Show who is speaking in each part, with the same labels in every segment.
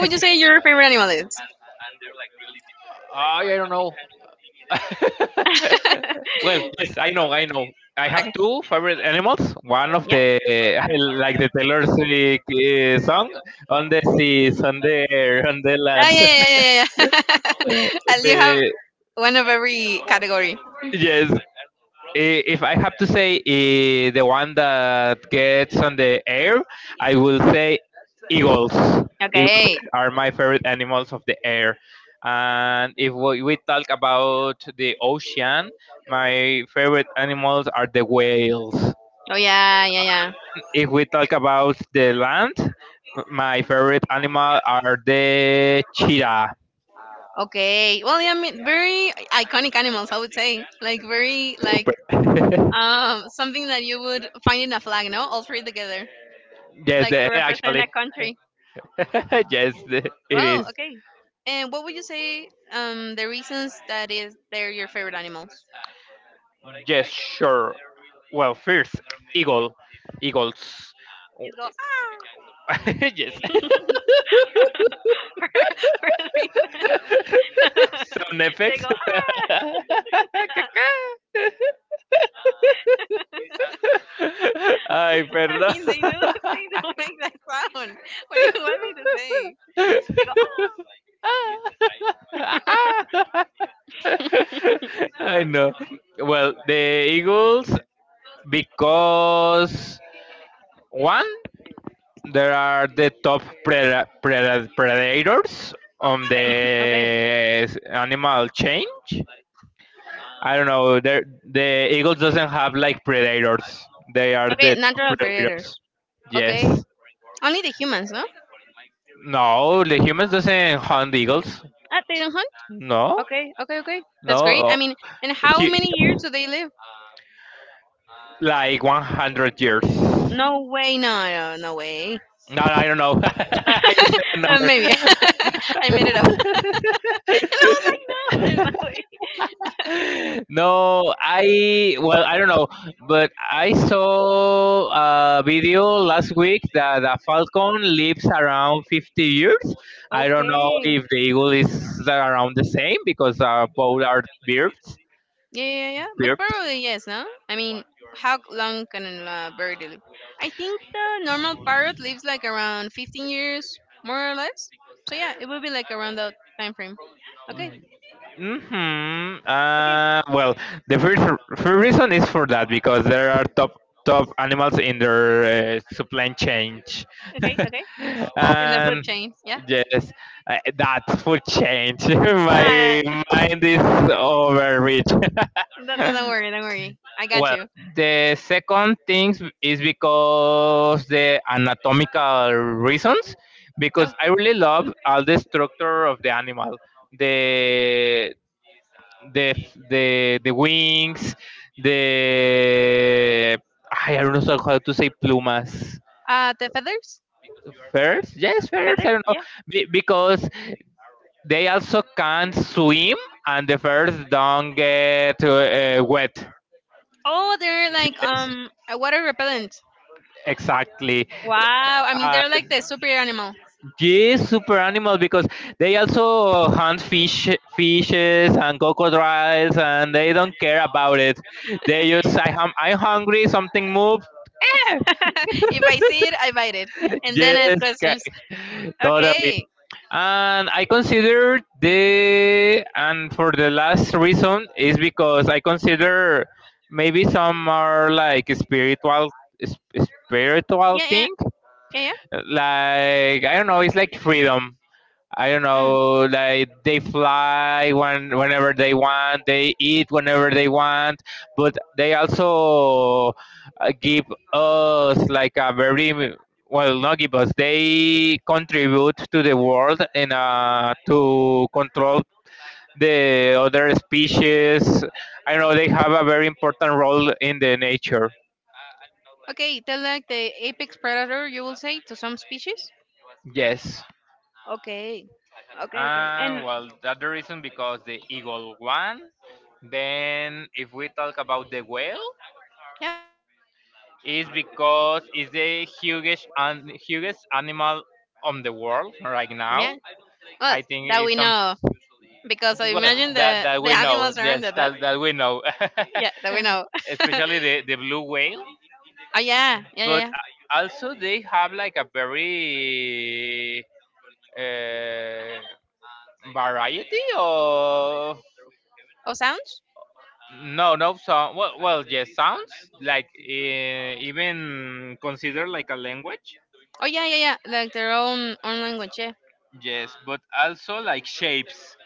Speaker 1: Ay, I don't. Yes, I know, I know. I have two favorite animals. One of the like the Taylor Swift song on the seas, on the air, on the land. the yes, if I have to say the one that gets on the air, I will say eagles. Eagles are my favorite animals of the air. And if we talk about the ocean, my favorite animals are the whales. If we talk about the land, my favorite animal are the cheetah. Super. Actually. It is. Yes, sure. Well, first, eagle, eagles. Oh, yes, sound effects. Ay, perdón. I know. Well, the eagles because one. There are the top predators on the animal change. I don't know. There, the eagles doesn't have like predators. They are the top predators. Yes. No, the humans doesn't hunt eagles. No. No. Oh, he, like 100 years. No, I don't know. I just said a number. No, I well, I don't know, but I saw a video last week that a falcon lives around 50 years. I don't know if the eagle is around the same because both are birds. Birds. Hmm well, the first, first reason is for that because there are top animals in their supply chain, and yes, that's food change. My mind is overreach. Well, the second thing is because the anatomical reasons, because I really love all the structure of the animal, the the the wings, the I don't know how to say plumas. Feathers, yes, feathers. I don't know. Because they also can't swim, and the feathers don't get wet. Yes, exactly. Yes, super animal because they also hunt fishes and crocodiles, and they don't care about it. They just I'm hungry, something moves. Yes, totally. And I consider the and for the last reason is because I consider maybe some are like spiritual thing. Like I don't know, it's like freedom. I don't know, like they fly whenever they want, they eat whenever they want, but they also give us like a very well, not give us. They contribute to the world and to control the other species. I don't know, they have a very important role in the nature. Yes. And well, that's the reason because the eagle won. Then, if we talk about the whale, is because it's the hugest animal on the world right now. I think it's some well, that we know. Yes, that we know. Especially the blue whale, but also they have like a very uh, variety of no, no sound. Well, well, yes, sounds like even considered like a language. Yes, but also like shapes.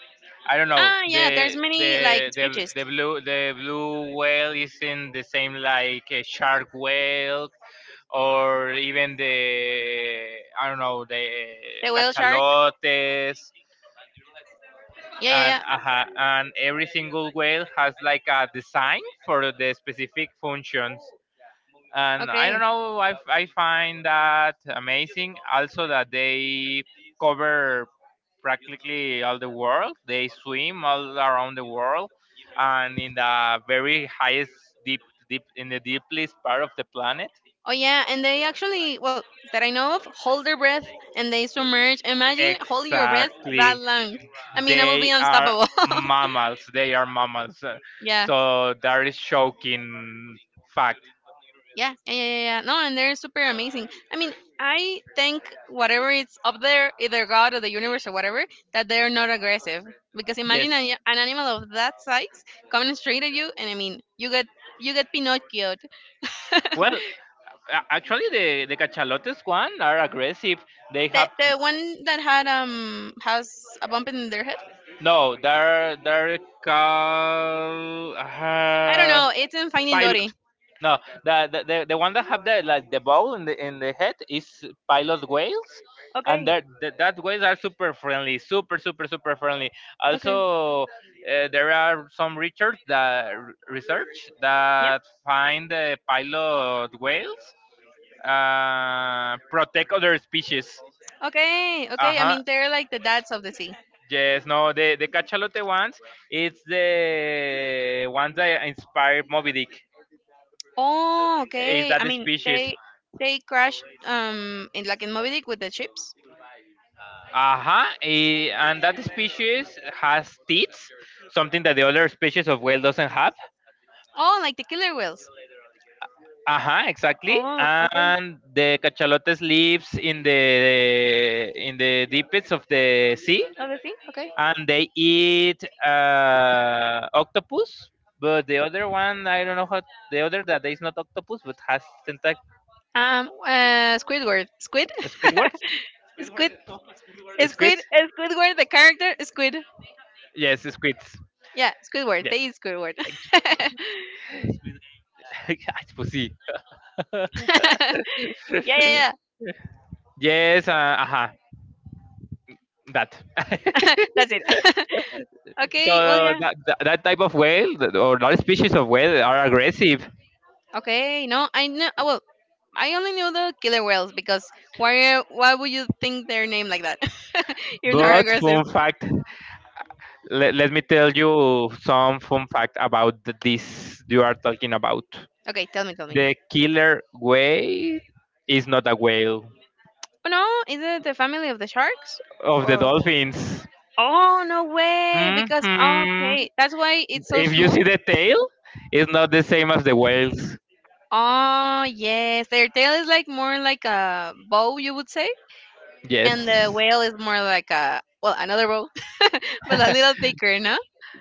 Speaker 1: I don't know. The blue whale isn't the same like a shark whale or even the I don't know, the cachalotes and every single whale has like a design for the specific functions. And I don't know. I find that amazing. Also, that they cover practically all the world. They swim all around the world, and in the very highest deep deep in the deepest part of the planet. Exactly, they are mammals. They are mammals. So that is shocking fact. Yes. Well, actually, the cachalotes one are aggressive. They have no, they're called pilot. No, the one that have the like the bow in the head is pilot whales, and that whales are super friendly, super friendly. Also, there are some research that find the pilot whales protect other species. Uh huh. Yes, no, the Cachalote ones, it's the ones that inspired Moby Dick. Is that the species? Uh-huh. And that species has teeth, something that the other species of whale doesn't have. Uh-huh, exactly. And the cachalotes lives in the deepest of the sea. And they eat octopus. But the other one, I don't know how the other that is not octopus but has tentac, squidwards, squids. Yes, squids. Yes, thank you. Ay, pues sí. yes, uh, uh that. So that type of whale or not species of whale are aggressive. But fun fact. Let me tell you some fun fact about this you are talking about. The killer whale is not a whale of the dolphins. Hmm If you see the tail, it's not the same as the whales. Yes.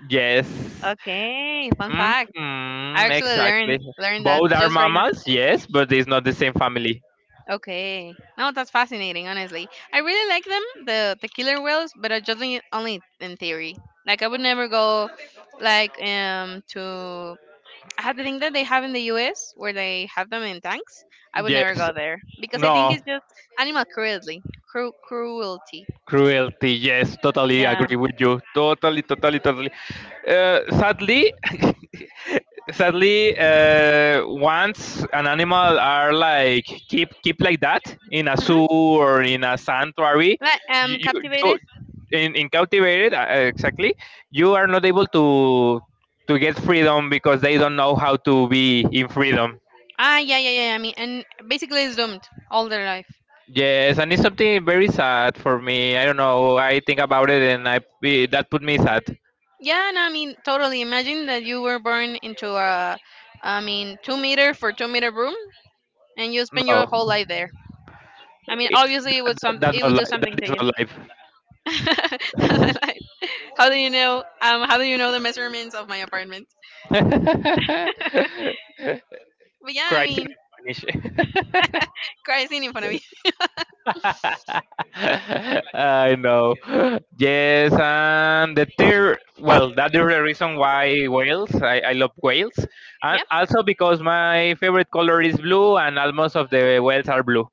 Speaker 1: Yes. hmm Exactly. Both are mammals, yes, but it's not the same family. Yes. No. Cruelty, yes, totally agree with you. Totally, totally, totally. Sadly, sadly, once an animal are like keep like that in a zoo or in a sanctuary, you in captivated exactly, you are not able to get freedom because they don't know how to be in freedom. Yes, and it's something very sad for me. I don't know. I think about it, and that put me sad. No, it- that is not live. Cries in Spanish. I know. Yes, and the third, well, that is the reason why whales. I love whales, and also because my favorite color is blue, and almost of the whales are blue.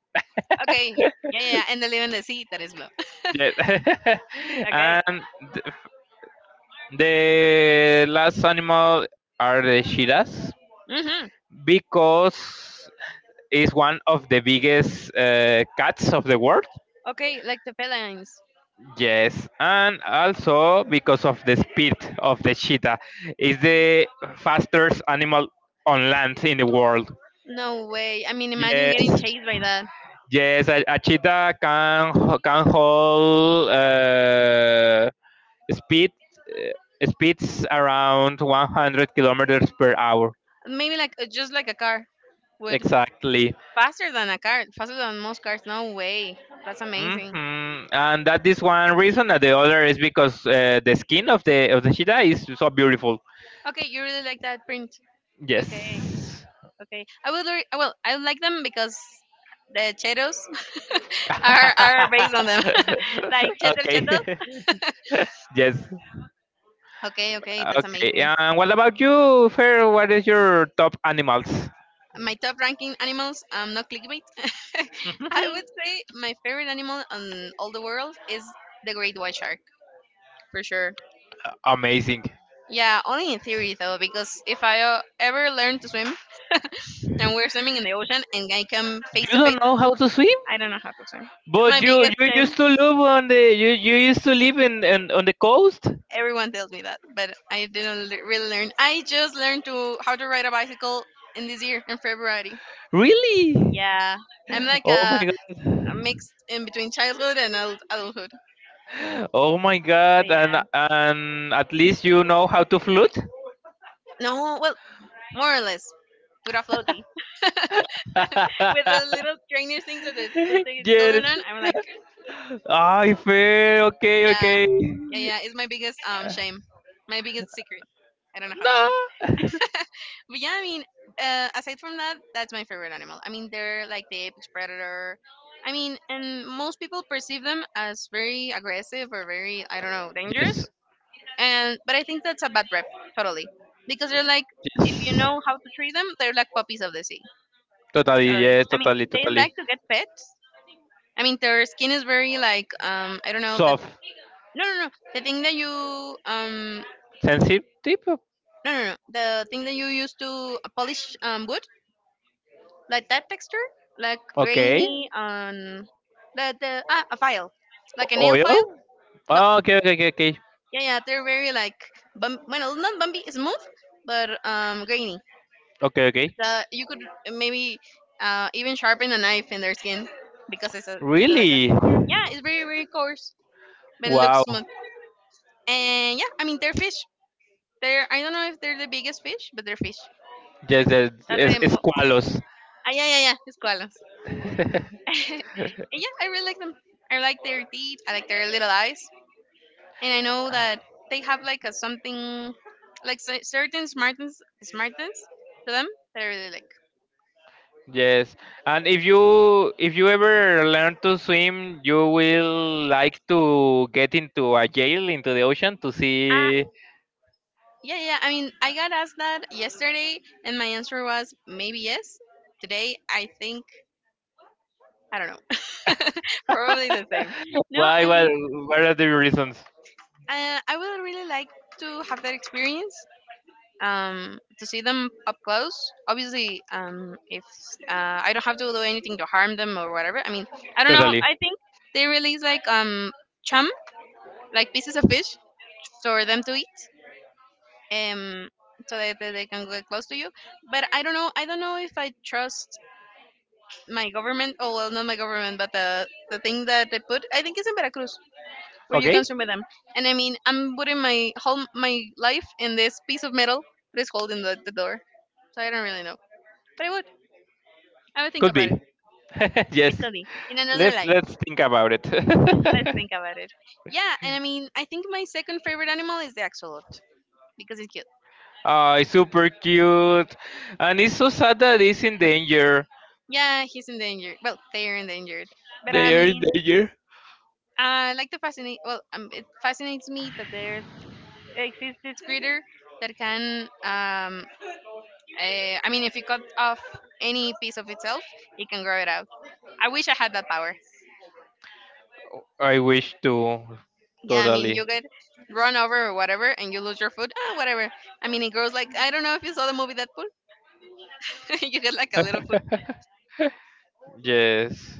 Speaker 1: Yes, and th- the last animal are the shiras because is one of the biggest cats of the world. Yes, and also because of the speed of the cheetah, is the fastest animal on land in the world. Yes, yes, a cheetah can can hold speed speeds around 100 kilometers per hour. Exactly. hmm And that is one reason, and the other is because the skin of the cheetah is so beautiful. Yes. Okay. yes. Okay. And what about you, Fer? What is your top animals? Amazing. You don't know how to swim, but you, you used to live in on the coast. Really? Oh my god. Oh my god! And at least you know how to flute. yes. I fair. Okay. Okay. No. Yes. Yes. Totally. Yes. Totally. Totally. Soft. Sensitive. Okay. Oil. Oh, okay. Okay. Okay. Okay. Okay. Okay. Really. Wow. Yes, yes, Esqualos. Yes, and if you ever learn to swim, you will like to get into a jail into the ocean to see why. What are the reasons? Totally. Okay. Could be. yes. Let's think about it. Oh, it's super cute, and it's so sad that it's in danger. They are in danger. I wish to totally. yes.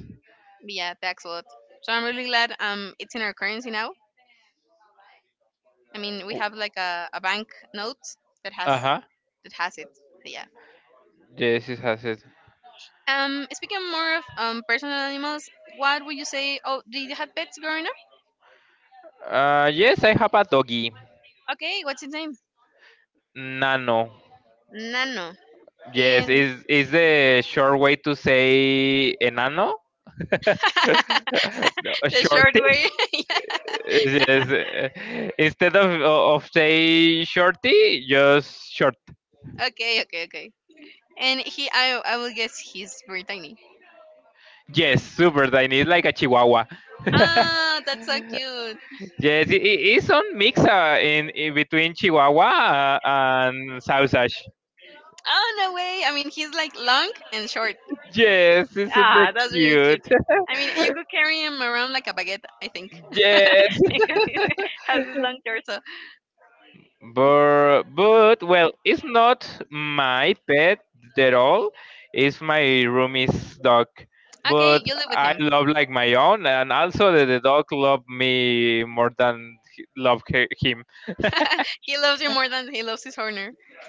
Speaker 1: Uh huh. Yes, it has it. Yes, I have a doggy. Nano. Yes, is the short way to say enano? No, a shorty? Yes. Instead of say shorty, just short. Yes, super tiny. It's like a chihuahua. yes, it's on mix in between chihuahua and sausage. Yes, it's super cute. yes. But well, it's not my pet at all. It's my roomie's dog. But I love like my own, and also the dog love me more than him.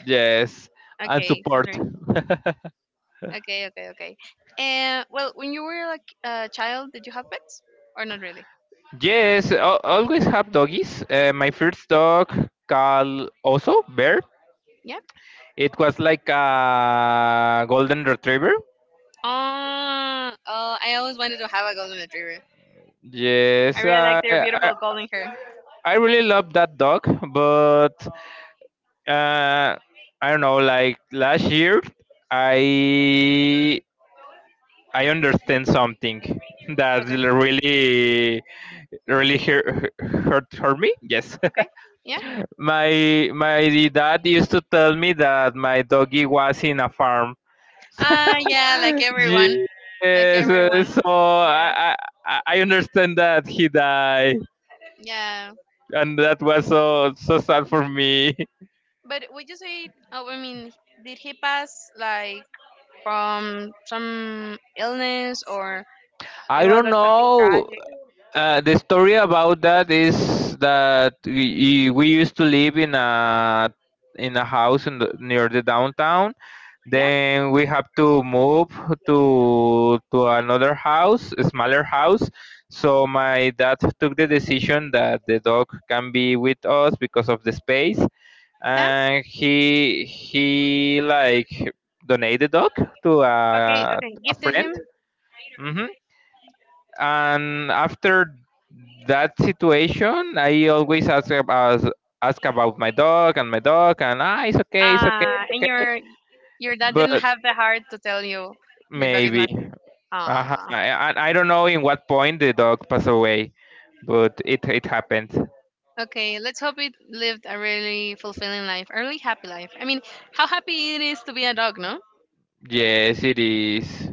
Speaker 1: Yes, and support. yes, always have doggies. My first dog, Carl, also Bear. It was like a golden retriever. Yes, I really love that dog, but uh, I don't know. Like last year, I I understand something that really hurt me. Yes, my dad used to tell me that my doggy was in a farm. Yes, so I understand that he died, and that was so sad for me. I don't know. The story about that is that we used to live in a house in near the downtown. Then we have to move to another house, a smaller house. So my dad took the decision that the dog can be with us because of the space, and he like donated the dog to a friend. Mm-hmm. And after that situation, I always ask about my dog, and ah, it's okay, it's okay, it's okay. But maybe, uh-huh. And I don't know in what point the dog passed away, but it happened. Yes, it is.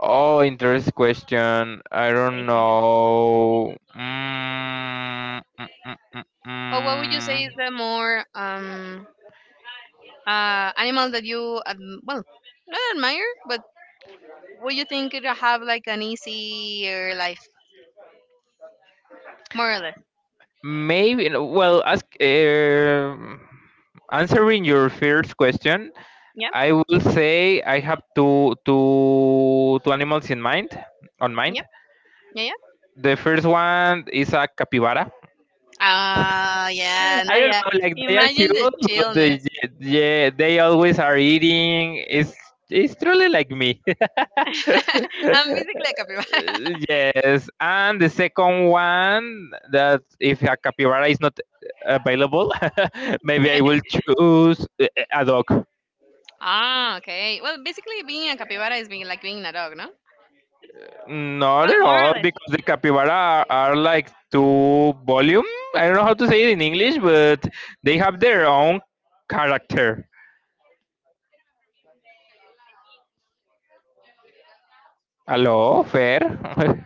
Speaker 1: Oh, interesting question. I don't know. Mm. Maybe. No, well, ask. Answering your first question, I will say I have two animals in mind. On mind, the first one is a capybara. I don't know, like they are cute, but they, yeah, they always are eating. It's truly like me. Yes, and the second one, that if a capybara is not available, maybe I will choose a dog. Not at all, because the capybara are like two volume. I don't know how to say it in English, but they have their own character. Hello, fair.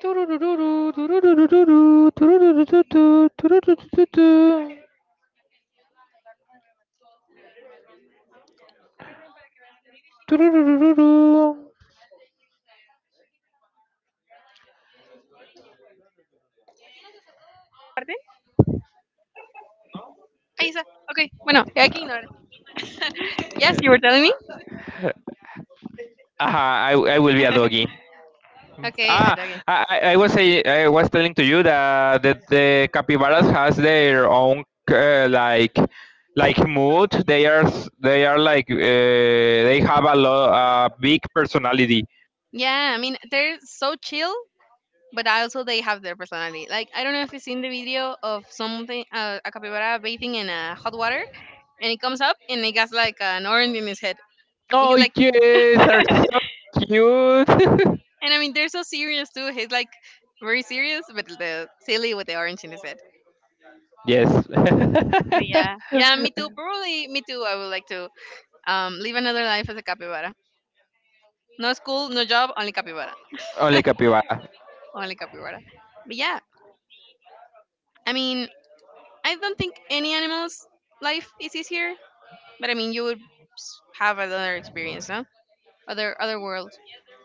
Speaker 1: Tururururu, tururururu, tururururu, tururururu.
Speaker 2: Marte? Ahí está. Ok, bueno, I can ignore. Yes, you were telling me?
Speaker 1: Uh-huh, I will be a doggy.
Speaker 2: Okay, I
Speaker 1: Ah,
Speaker 2: dug it.
Speaker 1: I was say I was telling to you that the capybaras has their own uh, like like mood. They are like they have a big personality.
Speaker 2: Yeah, I mean, they're so chill, but also they have their personality. Like, I don't know if you've seen the video of something, a capybara bathing in hot water, and it comes up and it has like an orange in his head. And
Speaker 1: Oh
Speaker 2: he's like,
Speaker 1: yes, are so cute.
Speaker 2: and I mean, they're so serious too. He's like very serious, but the silly with the orange in his head.
Speaker 1: Yes.
Speaker 2: But yeah, yeah, me too. Probably me too. I would like to live another life as a capybara. No school, no job, only capybara.
Speaker 1: Only capybara.
Speaker 2: Only capybara. But yeah, I mean, I don't think any animal's life is easier, but I mean, you would have another experience, no? Other world.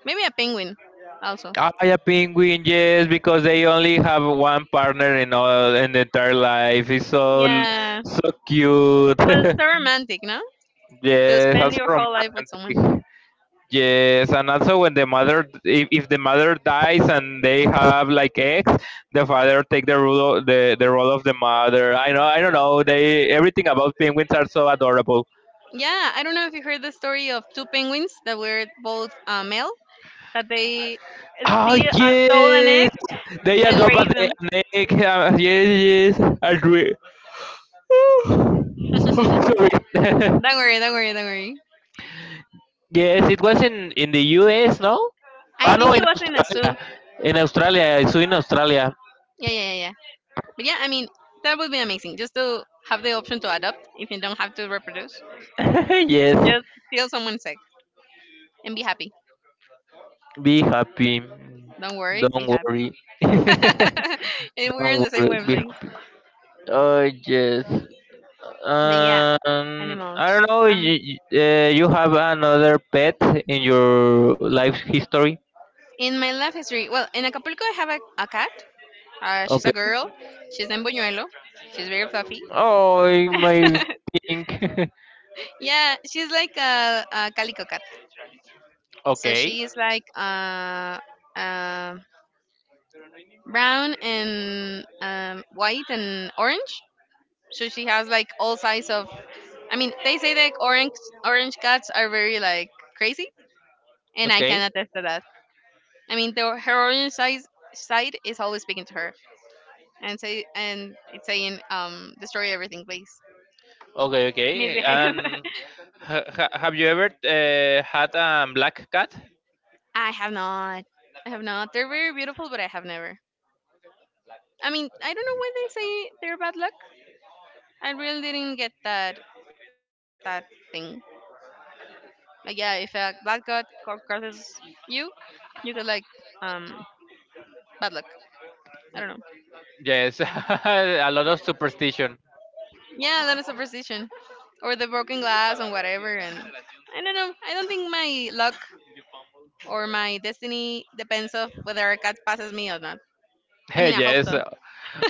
Speaker 2: Maybe a penguin, also.
Speaker 1: Ah, yeah, penguin. Yes, because they only have one partner in all in the entire life. It's so
Speaker 2: Yeah.
Speaker 1: So cute.
Speaker 2: Well, so romantic, no? To
Speaker 1: Yes,
Speaker 2: spend
Speaker 1: also
Speaker 2: your whole life with someone.
Speaker 1: romantic. Yes, and also when the mother, if the mother dies and they have like eggs, the father take the role, the role of the mother. I know, I don't know. They everything about penguins are so adorable.
Speaker 2: Yeah, I don't know if you heard the story of two penguins that were both male, that they
Speaker 1: Oh
Speaker 2: steal a stolen
Speaker 1: yes,
Speaker 2: egg
Speaker 1: they are
Speaker 2: and
Speaker 1: a
Speaker 2: raise
Speaker 1: ne- a
Speaker 2: them.
Speaker 1: snake. Yes, yes, and we. Sorry.
Speaker 2: Don't worry, don't worry, don't worry.
Speaker 1: Yes, it was in the U.S. No,
Speaker 2: I
Speaker 1: ah no,
Speaker 2: think it
Speaker 1: in
Speaker 2: was in a
Speaker 1: Australia.
Speaker 2: zoo.
Speaker 1: In Australia, I saw in Australia.
Speaker 2: Yeah, yeah, yeah, yeah. But yeah, I mean, that would be amazing. Just to have the option to adopt if you don't have to reproduce.
Speaker 1: Yes,
Speaker 2: Just steal someone's egg and be happy.
Speaker 1: be happy.
Speaker 2: Don't worry, be
Speaker 1: Don't
Speaker 2: happy.
Speaker 1: worry.
Speaker 2: And we're in
Speaker 1: Don't
Speaker 2: the same
Speaker 1: worry. Be
Speaker 2: wavelength.
Speaker 1: happy. Oh yes.
Speaker 2: But yeah,
Speaker 1: I don't
Speaker 2: animals.
Speaker 1: know.
Speaker 2: Um,
Speaker 1: You, you have another pet in your life history?
Speaker 2: in my life history, well, in Acapulco, I have a cat. She's a
Speaker 1: Okay.
Speaker 2: girl. She's named Buñuelo. She's very fluffy.
Speaker 1: Oh, my pink.
Speaker 2: Yeah, she's like a calico cat. So
Speaker 1: Okay,
Speaker 2: she is like uh, brown and white and orange, so she has like all size of, I mean, they say that orange cats are very like crazy, and I can
Speaker 1: okay,
Speaker 2: attest to that. I mean the, her orange size side is always speaking to her and say, and it's saying, destroy everything, please.
Speaker 1: okay.
Speaker 2: Misbehave.
Speaker 1: And have you ever had a black cat?
Speaker 2: I have not. I have not. They're very beautiful, but I have never. I mean, I don't know why they say they're bad luck. I really didn't get that, that thing. Like, yeah, if a black god crosses you, you could like, um bad luck. I don't know.
Speaker 1: Yes, a lot of superstition.
Speaker 2: Yeah, that is superstition, or the broken glass and whatever. And I don't know. I don't think my luck or my destiny depends of whether a cat passes me or not. I mean, I hope
Speaker 1: Yes,
Speaker 2: so.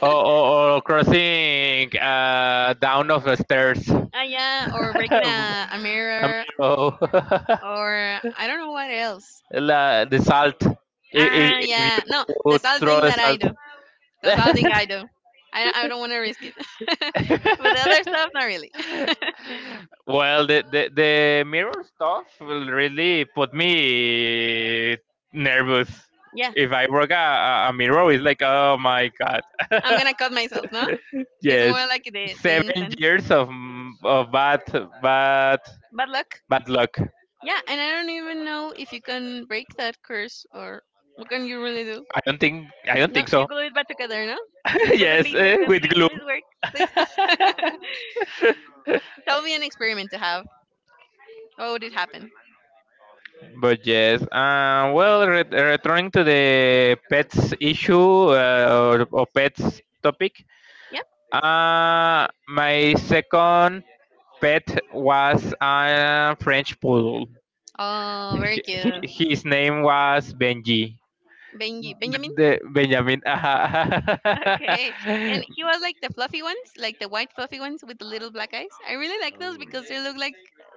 Speaker 1: or crossing down of the stairs.
Speaker 2: Ah, yeah, or breaking a
Speaker 1: Um,
Speaker 2: mirror,
Speaker 1: oh.
Speaker 2: or I don't know what else.
Speaker 1: La, the salt.
Speaker 2: Ah,
Speaker 1: If
Speaker 2: yeah. No,
Speaker 1: you
Speaker 2: that's all
Speaker 1: throw
Speaker 2: thing
Speaker 1: the
Speaker 2: that I
Speaker 1: salt.
Speaker 2: do. That's all thing I do. I don't want to risk it. But the other stuff, not really.
Speaker 1: Well, the mirror stuff will really put me nervous.
Speaker 2: Yeah,
Speaker 1: If I work a, a mirror, it's like, oh my god.
Speaker 2: I'm gonna cut myself. No, it's more
Speaker 1: Yes,
Speaker 2: like the things
Speaker 1: seven
Speaker 2: and
Speaker 1: years of bad bad
Speaker 2: bad luck.
Speaker 1: bad luck.
Speaker 2: Yeah, and I don't even know if you can break that curse, or what can you really do?
Speaker 1: I don't
Speaker 2: No,
Speaker 1: think
Speaker 2: you
Speaker 1: so.
Speaker 2: glue it back together, no? You put the
Speaker 1: Yes,
Speaker 2: pieces
Speaker 1: eh,
Speaker 2: and
Speaker 1: with
Speaker 2: please,
Speaker 1: glue.
Speaker 2: please work, please. That would be an experiment to have. What would it happen?
Speaker 1: But yes, well, returning to the pets issue, or pets topic,
Speaker 2: Yeah.
Speaker 1: my second pet was a French poodle.
Speaker 2: Oh, very cute.
Speaker 1: His name was Benji.
Speaker 2: Benji, Benjamin.
Speaker 1: The Benjamin.
Speaker 2: Okay. And he was like the fluffy ones, like the white fluffy ones with the little black eyes. I really like those because they look like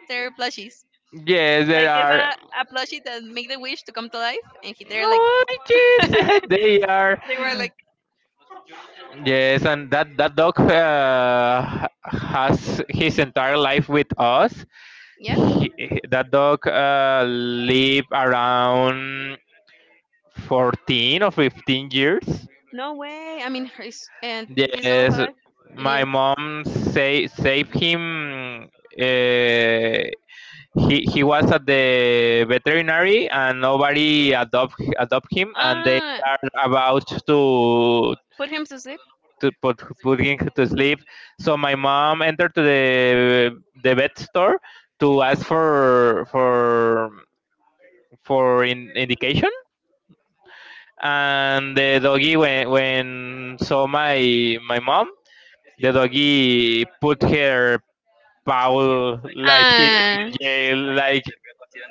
Speaker 2: they're plushies.
Speaker 1: Yes, there
Speaker 2: Like it's
Speaker 1: are.
Speaker 2: a plushie that make the wish to come to life, and he, they're like
Speaker 1: Oh, yes, they are.
Speaker 2: they were like
Speaker 1: Yes, and that dog has his entire life with us.
Speaker 2: Yeah?
Speaker 1: He, that dog live around 14 or 15 years.
Speaker 2: No way. I mean, he's, and he's all
Speaker 1: Yes,
Speaker 2: alive with
Speaker 1: my
Speaker 2: you.
Speaker 1: mom say save him. He was at the veterinary and nobody adopt him, and they
Speaker 2: Ah,
Speaker 1: are about to
Speaker 2: put him to sleep.
Speaker 1: putting her to sleep. So my mom entered to the vet store to ask for for indication, and the doggy when saw my my mom, the doggy put her paw like in
Speaker 2: Ah,
Speaker 1: the jail, like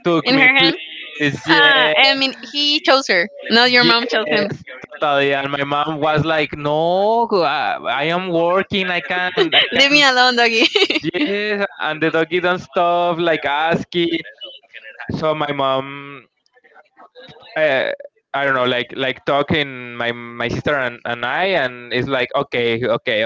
Speaker 1: took
Speaker 2: in
Speaker 1: me
Speaker 2: her hand.
Speaker 1: please.
Speaker 2: Ah,
Speaker 1: Yes,
Speaker 2: I mean, he chose her. Not your mom chose him.
Speaker 1: yes, totally. And my mom was like, no, I am working, I
Speaker 2: Leave me
Speaker 1: can't.
Speaker 2: alone, doggy.
Speaker 1: Yes, and the doggy don't stuff like ASCII. So my mom, uh, I don't know, like talking my my sister and I, and it's like okay, okay,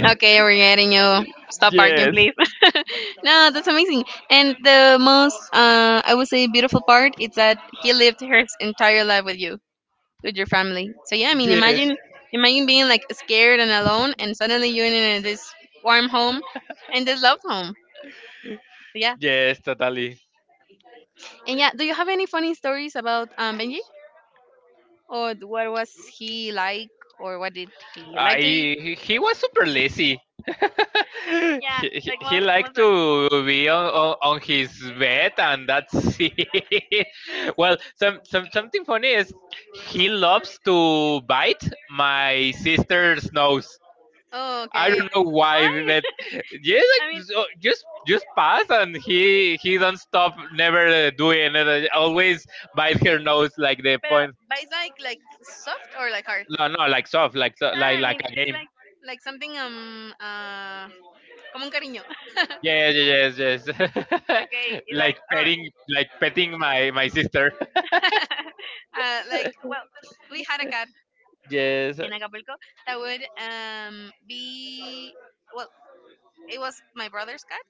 Speaker 2: Okay, we're getting you. Stop barking,
Speaker 1: Yes,
Speaker 2: please. No, that's amazing. And the most, I would say, beautiful part is that he lived his entire life with you, with your family. So yeah, I mean,
Speaker 1: yes,
Speaker 2: imagine, imagine being like scared and alone, and suddenly you're in this warm home and this love home. So yeah,
Speaker 1: yes, totally.
Speaker 2: and yeah, do you have any funny stories about Benji, or what was he like, or what did he
Speaker 1: I
Speaker 2: like to eat?
Speaker 1: He was super lazy. he,
Speaker 2: Yeah, like
Speaker 1: he liked
Speaker 2: most of.
Speaker 1: to be on, on his bed and that's it. Well, some something funny is he loves to bite my sister's nose.
Speaker 2: Oh,
Speaker 1: I
Speaker 2: okay.
Speaker 1: don't know
Speaker 2: Why?
Speaker 1: why, but yeah,
Speaker 2: I mean,
Speaker 1: like, just pass and he don't stop, never doing it. Always bite her nose like the
Speaker 2: pero
Speaker 1: point.
Speaker 2: but it's like soft or like hard.
Speaker 1: No, no, like soft, like
Speaker 2: Ah, I
Speaker 1: like
Speaker 2: mean,
Speaker 1: a
Speaker 2: it's
Speaker 1: game.
Speaker 2: like something como un cariño.
Speaker 1: Yes, yes, yes, yes.
Speaker 2: Okay, it's
Speaker 1: Like
Speaker 2: like,
Speaker 1: petting, like petting my my sister.
Speaker 2: or, like, well, we had a cat
Speaker 1: Yes,
Speaker 2: in Acapulco that would be, well, it was my brother's cat,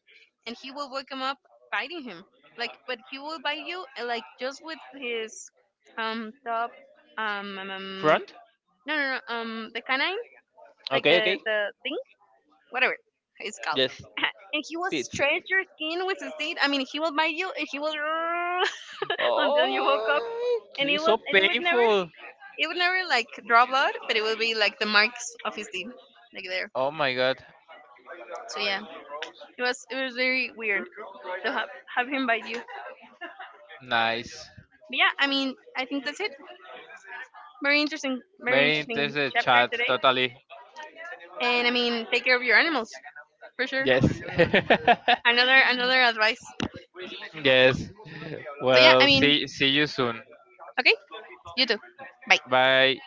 Speaker 2: and he will wake him up biting him, like, but he will bite you like just with his top um, um um,
Speaker 1: front.
Speaker 2: no no no the canine, like
Speaker 1: Okay, okay.
Speaker 2: the thing, whatever it's called,
Speaker 1: Yes,
Speaker 2: and he will
Speaker 1: tits.
Speaker 2: stretch your skin with his teeth. I mean, he will bite you, and he will. until you woke up,
Speaker 1: Oh,
Speaker 2: and it
Speaker 1: it's
Speaker 2: was,
Speaker 1: so
Speaker 2: it would never,
Speaker 1: painful.
Speaker 2: it would never like draw blood, but it would be like the marks of his teeth, like there.
Speaker 1: Oh my god.
Speaker 2: So yeah, it was, it was very weird to have him bite you. But
Speaker 1: Nice.
Speaker 2: yeah, I mean, I think that's it. Very
Speaker 1: Very
Speaker 2: interesting
Speaker 1: interesting
Speaker 2: chapter
Speaker 1: chat.
Speaker 2: today.
Speaker 1: Totally.
Speaker 2: And I mean, take care of your animals for sure.
Speaker 1: Yes.
Speaker 2: Another advice.
Speaker 1: Yes.
Speaker 2: So yeah, I
Speaker 1: Well,
Speaker 2: mean,
Speaker 1: see you soon.
Speaker 2: okay, you too. Bye.
Speaker 1: Bye.